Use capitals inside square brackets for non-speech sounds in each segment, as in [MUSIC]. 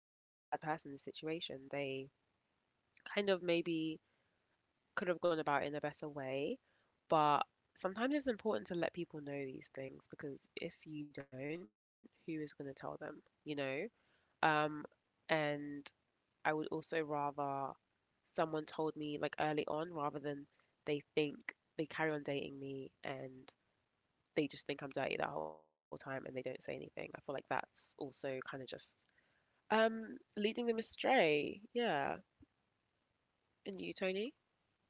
Are not a bad person in this situation. They kind of maybe could have gone about it in a better way, but sometimes it's important to let people know these things because if you don't, who is going to tell them, you know? Um, and I would also rather someone told me like early on rather than they think they carry on dating me and they just think I'm dirty that whole time and they don't say anything. I feel like that's also kind of just leading them astray. Yeah. And you, Tony?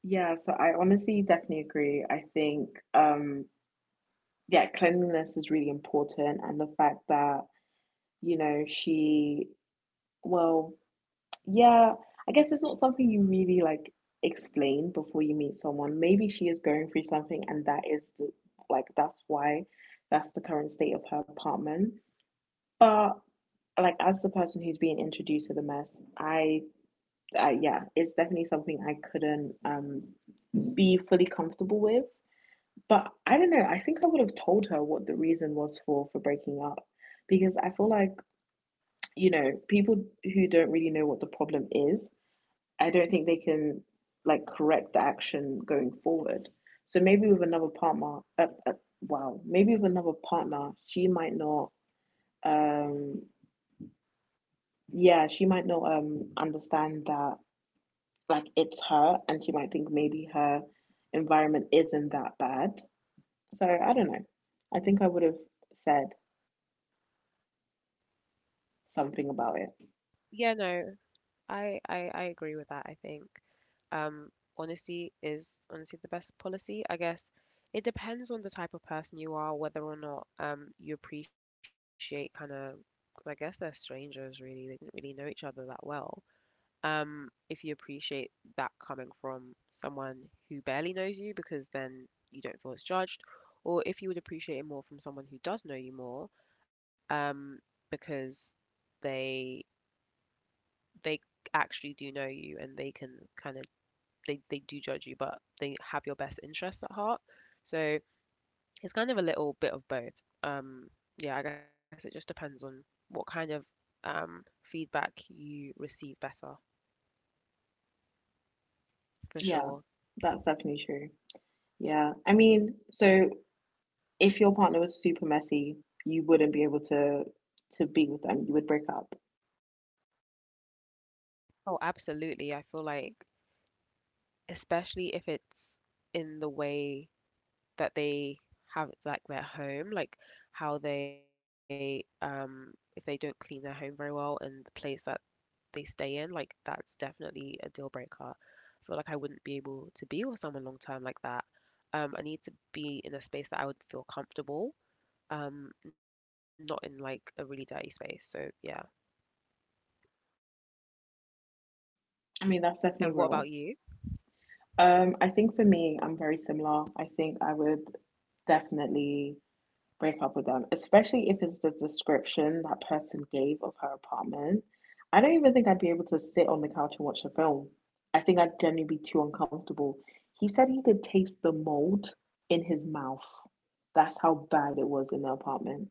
Yeah, so I honestly definitely agree. I think, um, yeah, cleanliness is really important, and the fact that, you know, she, well, yeah, I guess it's not something you really like explain before you meet someone. Maybe she is going through something, and that is the, like, that's the current state of her apartment. But like, as the person who's being introduced to the mess, I, I, yeah, it's definitely something I couldn't be fully comfortable with. But I don't know. I think I would have told her what the reason was for breaking up because I feel like, people who don't really know what the problem is, I don't think they can like correct the action going forward. So maybe with another partner, wow, maybe with another partner, she might not um yeah, she might not understand that like it's her, and she might think maybe her environment isn't that bad. So I don't know. I think I would have said something about it. Yeah, no, I agree with that. I think um honesty is honestly the best policy. I guess it depends on the type of person you are, whether or not you appreciate kind of, I guess they're strangers really. They didn't really know each other that well. If you appreciate that coming from someone who barely knows you, because then you don't feel it's judged, or if you would appreciate it more from someone who does know you more, um, because they they actually do know you and they can kind of they do judge you, but they have your best interests at heart. So it's kind of a little bit of both. Um, yeah, I guess it just depends on what kind of feedback you receive better for Yeah, sure. that's definitely true. Yeah. I mean, so if your partner was super messy, you wouldn't be able to be with them. You would break up. Oh, absolutely. I feel like, if it's in the way that they have like their home, like how they if they don't clean their home very well and the place that they stay in, like that's definitely a deal breaker. I feel like I wouldn't be able to be with someone long term like that. I need to be in a space that I would feel comfortable, not in like a really dirty space. So yeah. I mean, And that's what about definitely you? real. I think for me, I'm very similar. I think I would definitely break up with them, especially if it's the description that person gave of her apartment. I don't even think I'd be able to sit on the couch and watch a film. I think I'd genuinely be too uncomfortable. He said he could taste the mold in his mouth. That's how bad it was in the apartment.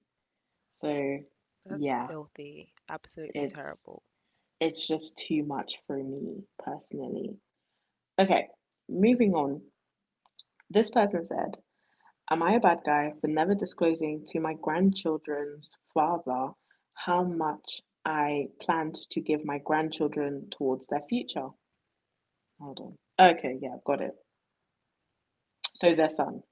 That's So, filthy. yeah, Absolutely terrible. it's it's just too much for me personally. Okay, moving on. This person said, "Am I a bad guy for never disclosing to my grandchildren's father how much I planned to give my grandchildren towards their future?" Hold on. Okay, yeah, got it. So their son.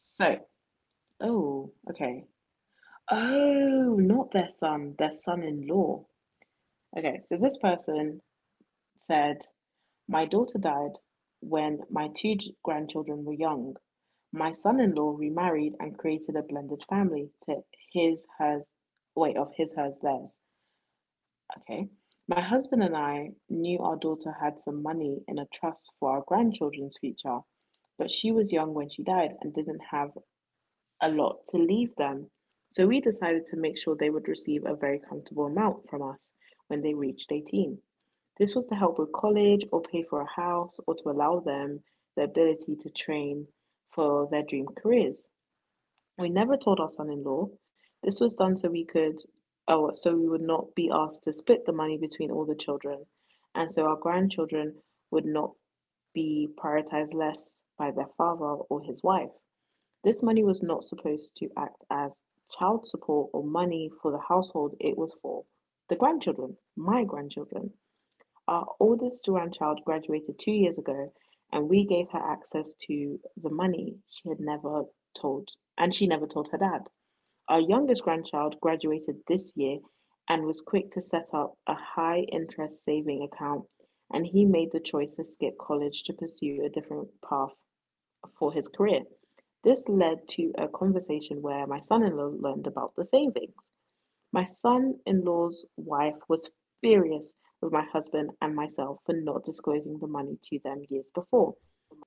So, oh, okay. Oh, not their son, their son in law. Okay, so this person said, "My daughter died when my two grandchildren were young. My son-in-law remarried and created a blended family to his, hers, wait, of his, hers, theirs. Okay. My husband and I knew our daughter had some money in a trust for our grandchildren's future, but she was young when she died and didn't have a lot to leave them. So we decided to make sure they would receive a very comfortable amount from us when they reached 18. This was to help with college or pay for a house or to allow them the ability to train for their dream careers. We never told our son in law. This was done so we could, oh, so we would not be asked to split the money between all the children. And so our grandchildren would not be prioritized less by their father or his wife. This money was not supposed to act as child support or money for the household, it was for the grandchildren, my grandchildren. Our oldest grandchild graduated 2 years ago, and we gave her access to the money. She had never told, and she never told her dad. Our youngest grandchild graduated this year and was quick to set up a high interest saving account, and he made the choice to skip college to pursue a different path for his career. This led to a conversation where my son in law learned about the savings. My son-in-law's wife was furious with my husband and myself for not disclosing the money to them years before.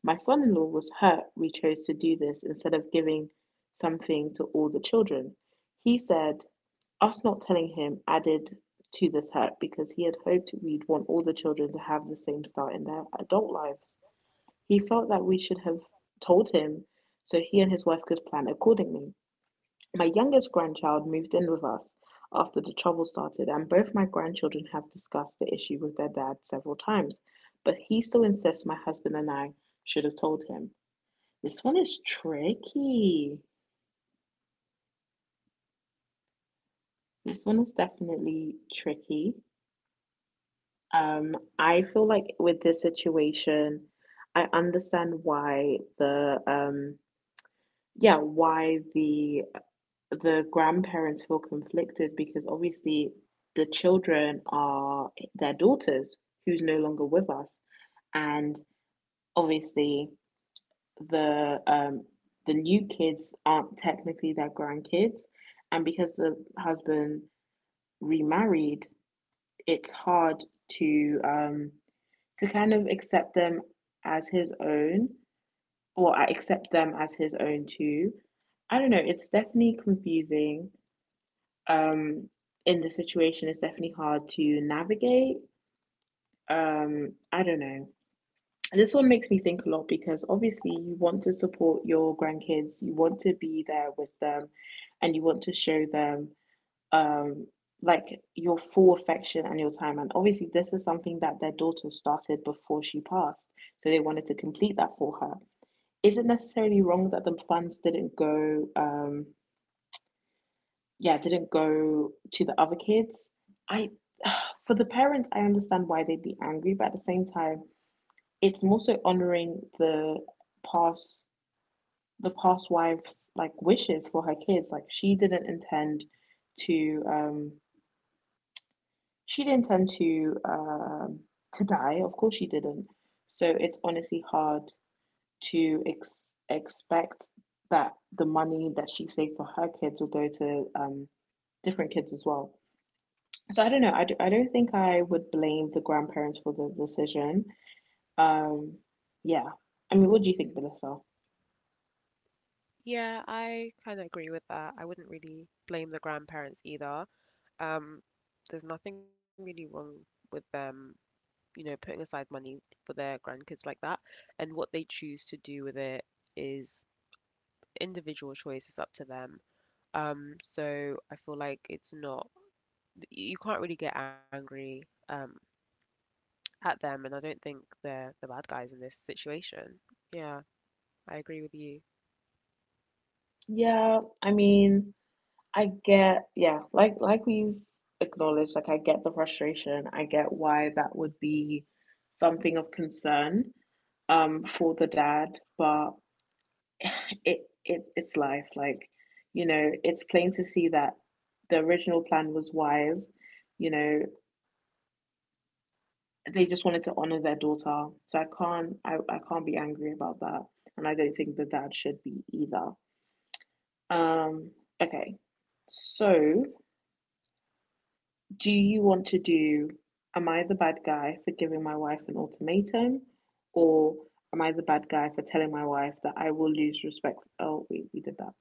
My son-in-law was hurt we chose to do this instead of giving something to all the children. He said us not telling him added to this hurt because he had hoped we'd want all the children to have the same start in their adult lives. He felt that we should have told him so he and his wife could plan accordingly. My youngest grandchild moved in with us after the trouble started, and both my grandchildren have discussed the issue with their dad several times, but he still insists my husband and I should have told him." This one is tricky. This one is definitely tricky. I feel like with this situation, I understand why why the grandparents feel conflicted because obviously the children are their daughter's, who's no longer with us, and obviously the um the new kids aren't technically their grandkids, and because the husband remarried, it's hard to um to kind of accept them as his own, or accept them as his own too. I don't know, it's definitely confusing. um, in the situation is definitely hard to navigate. I don't know. And this one makes me think a lot because obviously you want to support your grandkids, you want to be there with them, and you want to show them um, like your full affection and your time. And obviously, this is something that their daughter started before she passed, so they wanted to complete that for her. Is it necessarily wrong that the funds didn't go yeah, didn't go to the other kids? I, [SIGHS] for the parents, I understand why they'd be angry, but at the same time, it's more so honoring past, the past wife's like wishes for her kids. Like, she didn't intend to, um, she didn't intend to, um, to die. Of course, she didn't. So it's honestly hard to expect that the money that she saved for her kids will go to different kids as well. So I don't know. I don't think I would blame the grandparents for the decision. Um, yeah. I mean, what do you think, Melissa? Yeah, I kind of agree with that. I wouldn't really blame the grandparents either. Um, there's nothing really wrong with them, you know, putting aside money for their grandkids like that. And what they choose to do with it is individual choice, is up to them. So I feel like it's not, you can't really get angry at them. And I don't think they're the bad guys in this situation. Yeah, I agree with you. Yeah, I mean, I get, yeah, like we've acknowledged, like I get the frustration. I get why that would be something of concern for the dad, but it it's life. Like, you know, it's plain to see that the original plan was wise. You know, they just wanted to honor their daughter. So I can't be angry about that. And I don't think the dad should be either. Um okay. So do you want to do, am I the bad guy for giving my wife an ultimatum, or am I the bad guy for telling my wife that I will lose respect? Oh wait, we did that.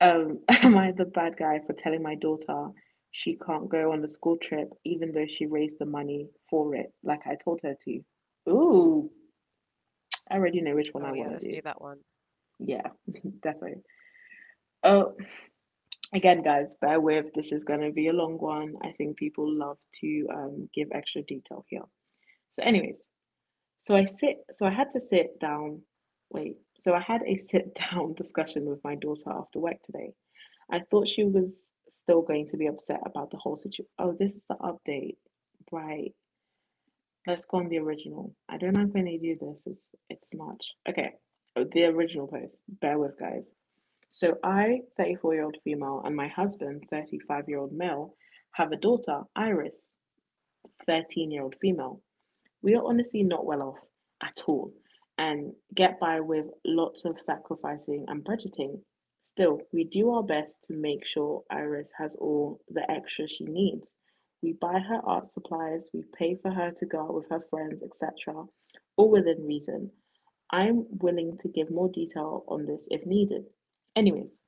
Um, [LAUGHS] am I the bad guy for telling my daughter she can't go on the school trip even though she raised the money for it like I told her to? Ooh, I already know which one I Oh, want to yeah, do. let's do that one. Yeah, [LAUGHS] definitely. Oh, again, guys, bear with. This is going to be a long one. I think people love to give extra detail here. So, anyways, So I had to sit down. Wait. So I had a [LAUGHS] sit down discussion with my daughter after work today. I thought she was still going to be upset about the whole situation. Oh, this is the update, right? Let's go on the original. I don't know if I'm going to do this. It's March. Okay, oh, the original post. Bear with, guys. So I, 34-year-old female, and my husband, 35-year-old male, have a daughter, Iris, 13-year-old female. We are honestly not well off at all and get by with lots of sacrificing and budgeting. Still, we do our best to make sure Iris has all the extra she needs. We buy her art supplies, we pay for her to go out with her friends, etc., all within reason. I'm willing to give more detail on this if needed. Anyways,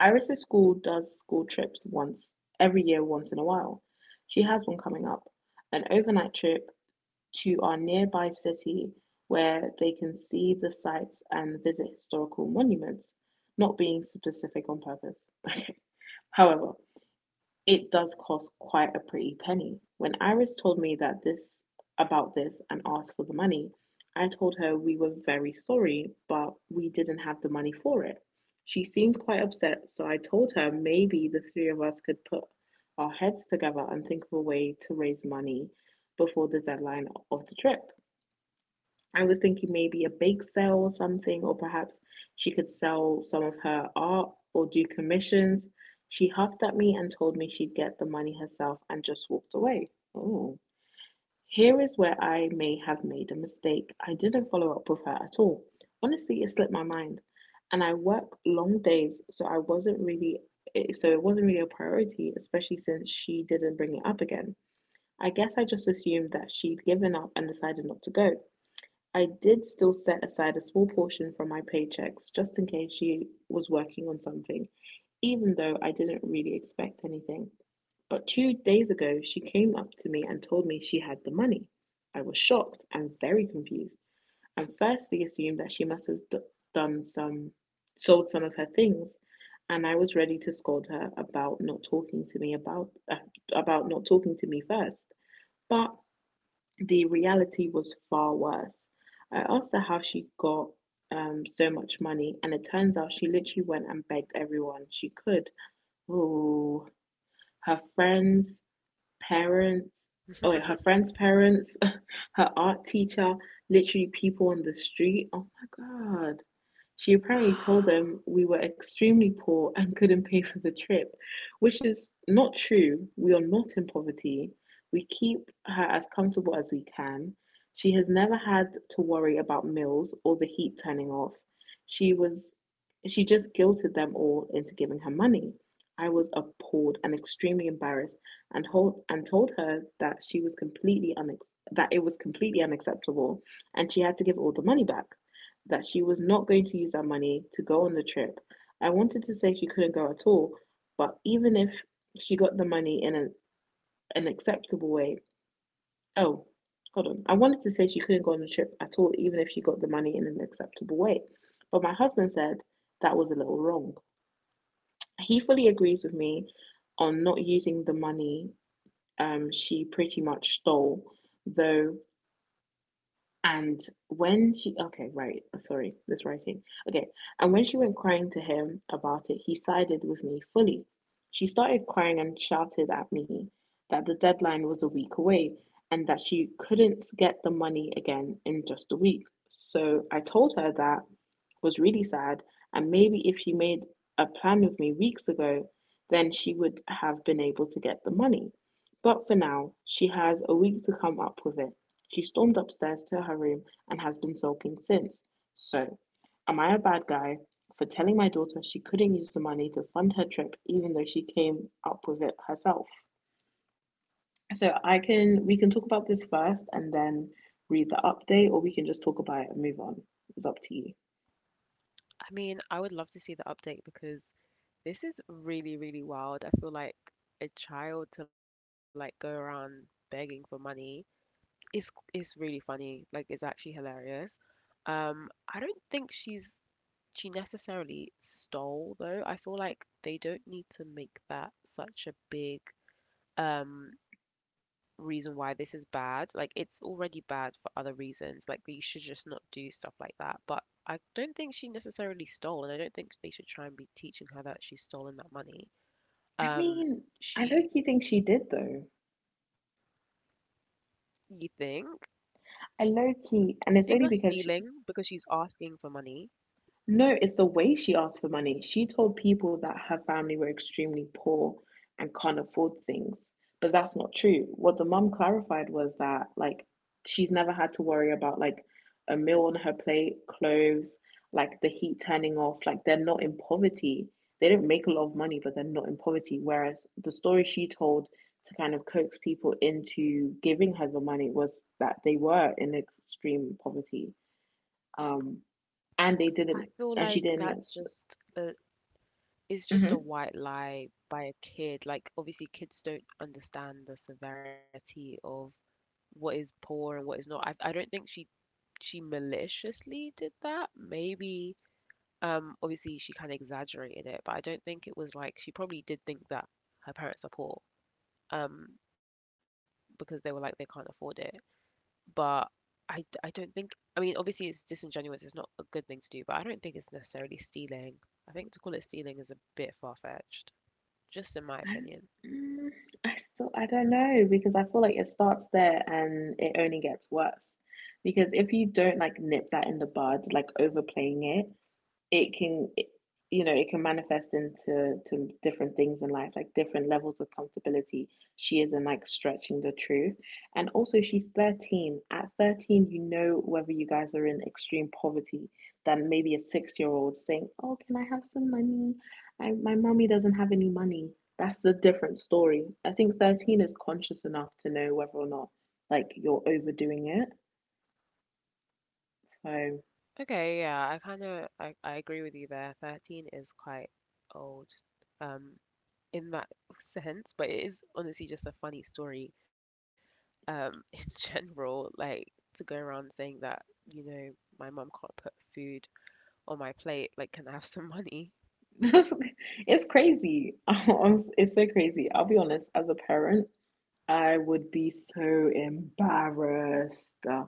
Iris' school does school trips once every year once in a while. She has one coming up, an overnight trip to our nearby city where they can see the sights and visit historical monuments, not being specific on purpose. [LAUGHS] However, it does cost quite a pretty penny. When Iris told me that this about this and asked for the money, I told her we were very sorry, but we didn't have the money for it. She seemed quite upset, so I told her maybe the three of us could put our heads together and think of a way to raise money before the deadline of the trip. I was thinking maybe a bake sale or something, or perhaps she could sell some of her art or do commissions. She huffed at me and told me she'd get the money herself and just walked away. Oh, here is where I may have made a mistake. I didn't follow up with her at all. Honestly, it slipped my mind. And I work long days, so I wasn't really it wasn't really a priority, especially since she didn't bring it up again. I guess I just assumed that she'd given up and decided not to go. I did still set aside a small portion from my paychecks just in case she was working on something, even though I didn't really expect anything. But 2 days ago, she came up to me and told me she had the money. I was shocked and very confused, and firstly assumed that she must have done some, sold some of her things, and I was ready to scold her about not talking to me about not talking to me first. But the reality was far worse. I asked her how she got so much money, and it turns out she literally went and begged everyone she could. Oh, her friends, parents, oh, her friends' parents, [LAUGHS] her art teacher, literally people on the street. Oh my God. She apparently [GASPS] told them we were extremely poor and couldn't pay for the trip, which is not true. We are not in poverty. We keep her as comfortable as we can. She has never had to worry about meals or the heat turning off. She was she just guilted them all into giving her money. I was appalled and extremely embarrassed and told her that she was that it was completely unacceptable and she had to give all the money back, that she was not going to use our money to go on the trip. I wanted to say she couldn't go at all, but even if she got the money an acceptable way, oh, hold on. I wanted to say she couldn't go on the trip at all, even if she got the money in an acceptable way. But my husband said that was a little wrong. He fully agrees with me on not using the money she pretty much stole, though. And When she, okay, right, I'm sorry, this writing. Okay, and when she went crying to him about it, he sided with me fully. She started crying and shouted at me that the deadline was a week away and that she couldn't get the money again in just a week. So I told her that was really sad. And maybe if she made a plan with me weeks ago, then she would have been able to get the money. But for now, she has a week to come up with it. She stormed upstairs to her room and has been sulking since. So, am I a bad guy for telling my daughter she couldn't use the money to fund her trip even though she came up with it herself? So, I can we can talk about this first and then read the update, or we can just talk about it and move on. It's up to you. I mean, I would love to see the update because this is really, really wild. I feel like a child to like go around begging for money is really funny. Like it's actually hilarious. Um, I don't think she necessarily stole though. I feel like they don't need to make that such a big um reason why this is bad. Like it's already bad for other reasons. Like you should just not do stuff like that. But I don't think she necessarily stole, and I don't think they should try and be teaching her that she's stolen that money. I Um, mean, I she, low key think she did though. you think, I low you key, think that's and it's only stealing because because she's asking for money. no, it's the way she asked for money. She told people that her family were extremely poor and can't afford things, but that's not true. What the mum clarified was that, like, she's never had to worry about, like, a meal on her plate, clothes, like, the heat turning off. Like, they're not in poverty. They don't make a lot of money, but they're not in poverty. Whereas the story she told to kind of coax people into giving her the money was that they were in extreme poverty um, and I feel she like didn't. That's, it's just a hmm white lie by a kid. Like obviously kids don't understand the severity of what is poor and what is not. I don't think she maliciously did that. Maybe, obviously she kind of exaggerated it, but I don't think it was like she probably did think that her parents are poor, um, because they were like they can't afford it. But I don't think. I mean, obviously it's disingenuous. It's not a good thing to do, but I don't think it's necessarily stealing. I think to call it stealing is a bit far-fetched, just in my I, opinion. mm, I still I don't know because I feel like it starts there and it only gets worse. Because if you don't like nip that in the bud, like overplaying it, it can, you know, it can manifest into to different things in life, like different levels of comfortability she isn't like stretching the truth. And also she's 13. At 13, you know whether you guys are in extreme poverty. Than maybe a 6 year old saying, oh, can I have some money, my mommy doesn't have any money, that's a different story. I think 13 is conscious enough to know whether or not like you're overdoing it, so Okay, yeah, I kind of I agree with you there. 13 is quite old. Um, in that sense, but it is honestly just a funny story [LAUGHS] in general. Like to go around saying that, you know, my mum can't put food on my plate. Like, can I have some money? [LAUGHS] it's crazy. [LAUGHS] I'm It's so crazy. I'll be honest, as a parent, I would be so embarrassed.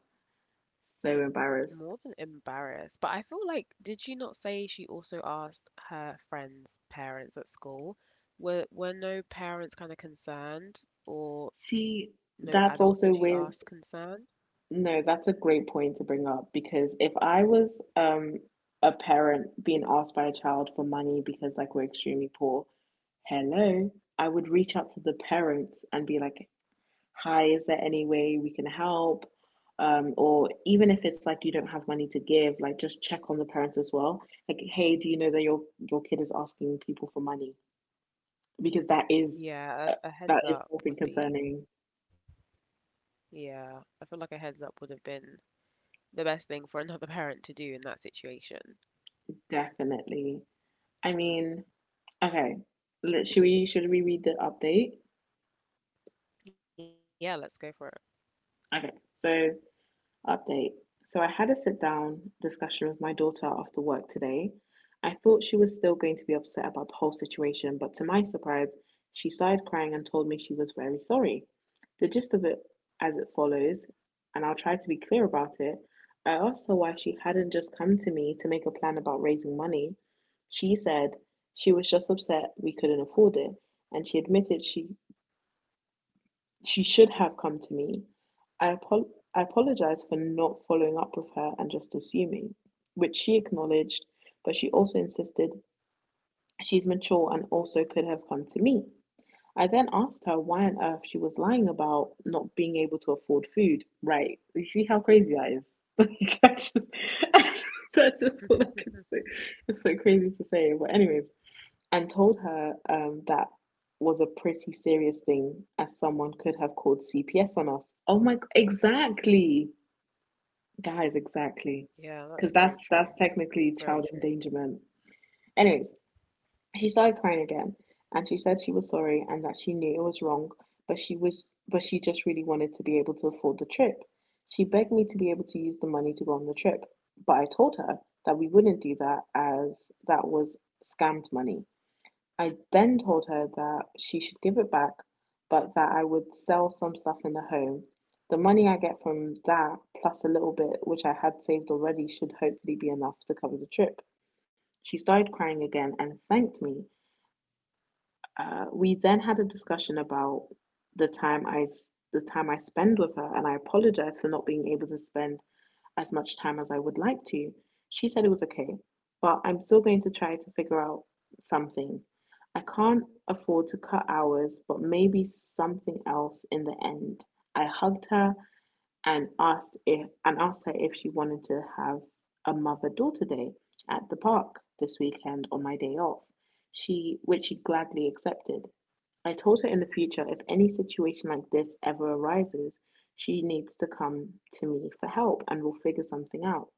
So embarrassed. More than embarrassed, but I feel like, did you not say she also asked her friends' parents at school? Were no parents kind of concerned, See, or no that's adults also that she with, asked concerned? no, that's a great point to bring up because if I was a parent being asked by a child for money because like we're extremely poor, hello, I would reach out to the parents and be like, hi, is there any way we can help? Or even if it's like you don't have money to give, like just check on the parents as well. Like, hey, do you know that your kid is asking people for money? Because uh, Yeah, that a, a is heads something up would concerning, be, yeah, I feel like a heads up would have been the best thing for another parent to do in that situation. definitely. I mean, okay, let, should we read the update? Yeah, let's go for it. Okay, so update. So I had a sit down discussion with my daughter after work today. I thought she was still going to be upset about the whole situation, but to my surprise, she started crying and told me she was very sorry. The gist of it as it follows, and I'll try to be clear about it. I asked her why she hadn't just come to me to make a plan about raising money. She said she was just upset we couldn't afford it, and she admitted she should have come to me. I, apo- I apologized for not following up with her and just assuming, which she acknowledged, but she also insisted she's mature and also could have come to me. I then asked her why on earth she was lying about not being able to afford food. Right. You see how crazy that is? [LAUGHS] Like, I just, [LAUGHS] I just, I just thought I could say. It's so crazy to say. But, anyways, and told her that was a pretty serious thing, as someone could have called CPS on us. Exactly, guys, exactly, Yeah, because that's very that's true. that's technically Very child true. endangerment. Anyways, she started crying again, and she said she was sorry and that she knew it was wrong, but she was but she just really wanted to be able to afford the trip. She begged me to be able to use the money to go on the trip, but I told her that we wouldn't do that, as that was scammed money. I then told her that she should give it back, but that I would sell some stuff in the home. The money I get from that, plus a little bit which I had saved already, should hopefully be enough to cover the trip. She started crying again and thanked me. We then had a discussion about the time I the time I spend with her, and I apologized for not being able to spend as much time as I would like to. She said it was okay, but I'm still going to try to figure out something. I can't afford to cut hours, but maybe something else in the end. I hugged her and asked her if she wanted to have a mother-daughter day at the park this weekend on my day off. She Which she gladly accepted. I told her in the future if any situation like this ever arises, she needs to come to me for help and we'll figure something out.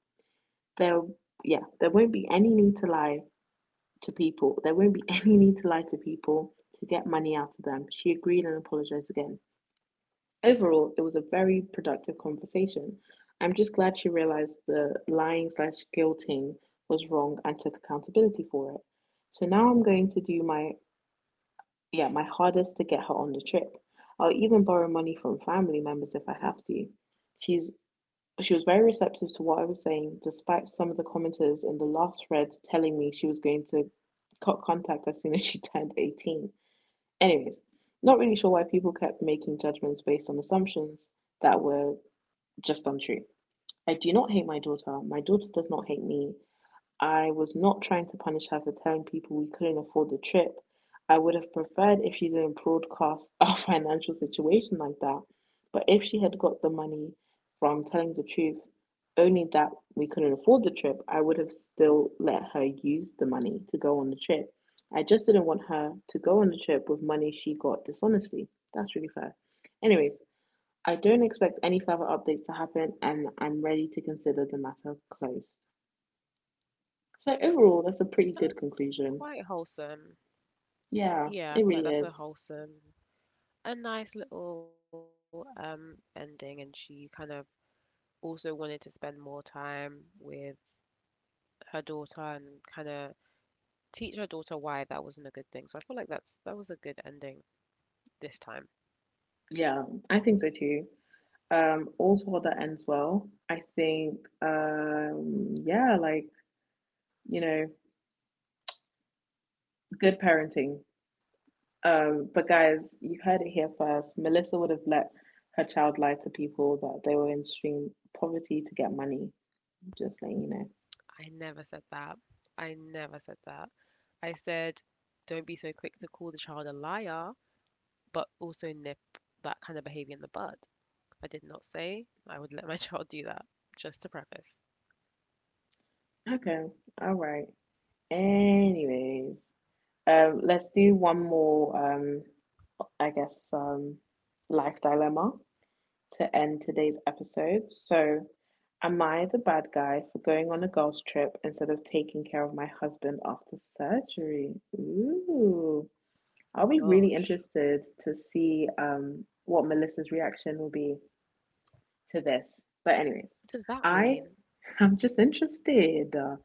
There yeah, there won't be any need to lie to people. There won't be [LAUGHS] any need to lie to people to get money out of them. She agreed and apologized again. Overall, it was a very productive conversation. I'm just glad she realized the lying slash guilting was wrong and took accountability for it. So now I'm going to do my hardest to get her on the trip. I'll even borrow money from family members if I have to. She's she was very receptive to what I was saying, despite some of the commenters in the last thread telling me she was going to cut contact as soon as she turned 18. Anyways, not really sure why people kept making judgments based on assumptions that were just untrue. I do not hate my daughter. My daughter does not hate me. I was not trying to punish her for telling people we couldn't afford the trip. I would have preferred if she didn't broadcast [LAUGHS] our financial situation like that. But if she had got the money from telling the truth, only that we couldn't afford the trip, I would have still let her use the money to go on the trip. I just didn't want her to go on the trip with money she got dishonestly. That's really fair. Anyways, I don't expect any further updates to happen and I'm ready to consider the matter closed. So overall, that's a pretty good conclusion. That's quite wholesome. Yeah, it really Yeah, is. I feel like that's a wholesome, a nice little ending. And she kind of also wanted to spend more time with her daughter and kind of teach her daughter why that wasn't a good thing. So I feel like that's that was a good ending this time. Yeah, I think so too. All's well that ends well. I think, yeah, like, you know, good parenting. But guys, you heard it here first. Melissa would have let her child lie to people that they were in extreme poverty to get money. Just letting you know. I never said that. I never said that. I said, don't be so quick to call the child a liar. But also nip that kind of behavior in the bud. I did not say I would let my [LAUGHS] child do that, just to preface. Mm-mm. Okay, all right. Anyways, let's do one more, I guess, life dilemma to end today's episode. So, am I the bad guy for going on a girls' trip instead of taking care of my husband after surgery? Ooh, I'll Oh be really gosh. interested to see what Melissa's reaction will be to this. But What does anyways, that mean? I am just interested. Uh,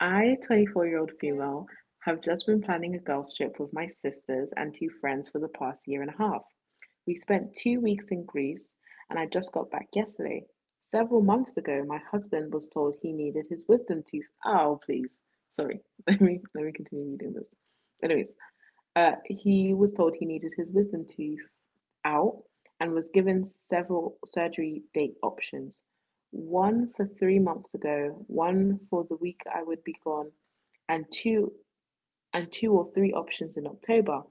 I, 24-year-old Okay, female, have just been planning a girls' trip with my sisters and two friends for the past year and a half. We spent 2 weeks in Greece and I just got back yesterday. Several months ago, my husband was told he needed his wisdom tooth. Oh, please. Sorry. [LAUGHS] Let me continue reading this. Anyways, he was told he needed his wisdom tooth out and was given several surgery date options, one for 3 months ago, one for the week I would be gone, and two and two or three options in October.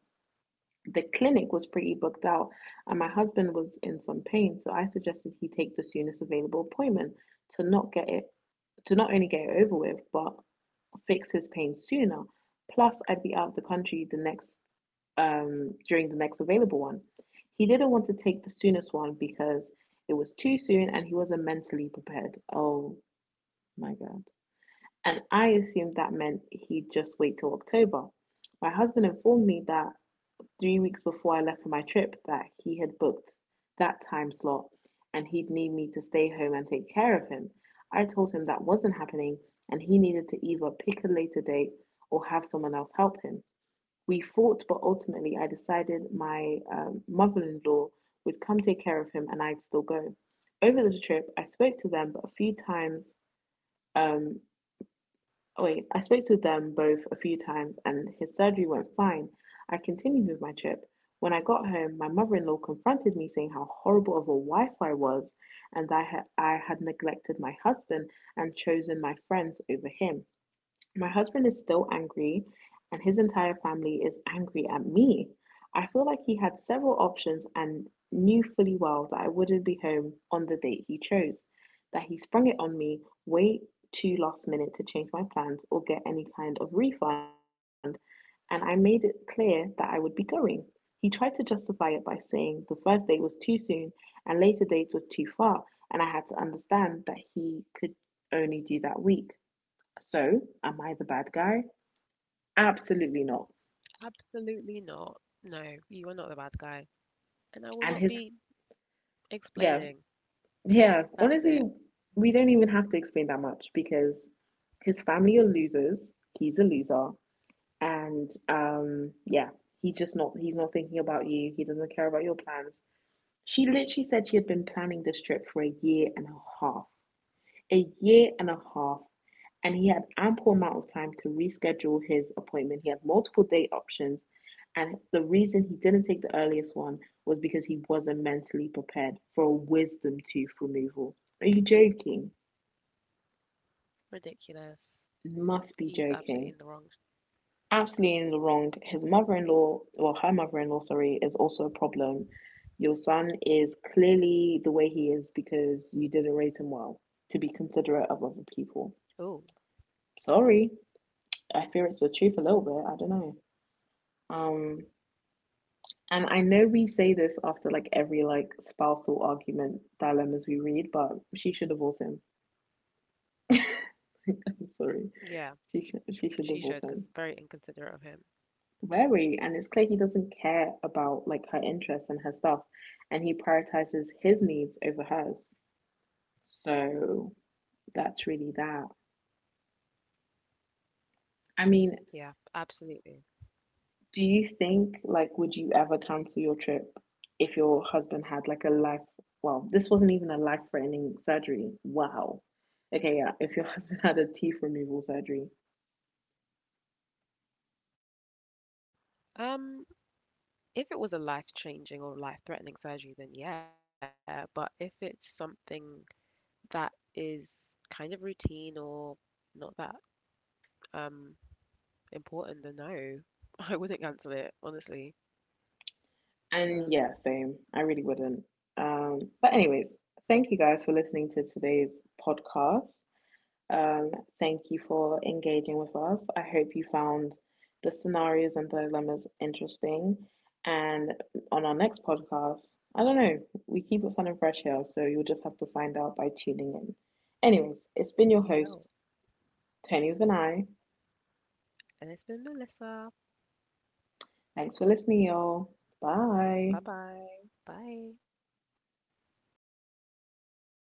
The clinic was pretty booked out, and my husband was in some pain, so I suggested he take the soonest available appointment to not get it to not only get it over with, but fix his pain sooner. Plus, I'd be out of the country the next during the next available one. He didn't want to take the soonest one because it was too soon and he wasn't mentally prepared. Oh my god. And I assumed that meant he'd just wait till October. My husband informed me, that 3 weeks before I left for my trip, that he had booked that time slot and he'd need me to stay home and take care of him. I told him that wasn't happening and he needed to either pick a later date or have someone else help him. We fought, but ultimately I decided my mother in law would come take care of him and I'd still go. Over the trip, I spoke to them, but a few times, um, I spoke to them both a few times and his surgery went fine. I continued with my trip. When I got home, my mother in law confronted me, saying how horrible of a wife I was and I had neglected my husband and chosen my friends over him. My husband is still angry, and his entire family is angry at me. I feel like he had several options and knew fully well that I wouldn't be home on the date he chose, that he sprung it on me way too last minute to change my plans or get any kind of refund, and I made it clear that I would be going. He tried to justify it by saying the first date was too soon and later dates were too far, and I had to understand that he could only do that week. So, am I the bad guy? Absolutely not. absolutely not. No, you are not the bad guy. And I will And not his, be explaining. yeah, That's yeah, it. honestly, we don't even have to explain that much because his family are losers. He's a loser. And yeah, he's not thinking about you. He doesn't care about your plans. She literally said she had been planning this trip for a year and a half. A year and a half, and he had ample amount of time to reschedule his appointment. He had multiple date options, and the reason he didn't take the earliest one was because he wasn't mentally prepared for a wisdom tooth removal. Are you joking? Ridiculous. Must He's be absolutely in the joking. wrong. Absolutely in the wrong. His mother in law, well, her mother in law, sorry, is also a problem. Your son is clearly the way he is because you didn't raise him well to be considerate of other people. Oh, Sorry, I fear it's the truth a little bit. I don't know. Um, and I know we say this after like every like spousal argument dilemmas we read, but she should divorce him. [LAUGHS] I'm sorry, yeah, she should she divorce should, because him. it's very inconsiderate of him. Very, and it's clear he doesn't care about like her interests and her stuff, and he prioritizes his needs over hers. So that's really that. I mean, Yeah, absolutely. do you think, like, would you ever cancel your trip if your husband had like a life? Well, this wasn't even a life-threatening surgery. Wow. Okay, yeah. If your [LAUGHS] husband had a teeth removal surgery, Um, if it was a life-changing or life-threatening surgery, then yeah, but if it's something that is kind of routine or not that um important, then no, [LAUGHS] I wouldn't cancel it, honestly. and yeah, No, same. I really wouldn't. But anyways, thank you guys for listening to today's podcast. Um, Thank you for engaging with us. I hope you found the scenarios and dilemmas interesting. And on our next podcast, I don't know, we keep it fun and fresh here, so you'll just have to find out by tuning in. Anyways, it's been your you host, will. Tony with an I. And it's been Melissa. Thanks for listening, y'all. Bye. Bye bye. Bye.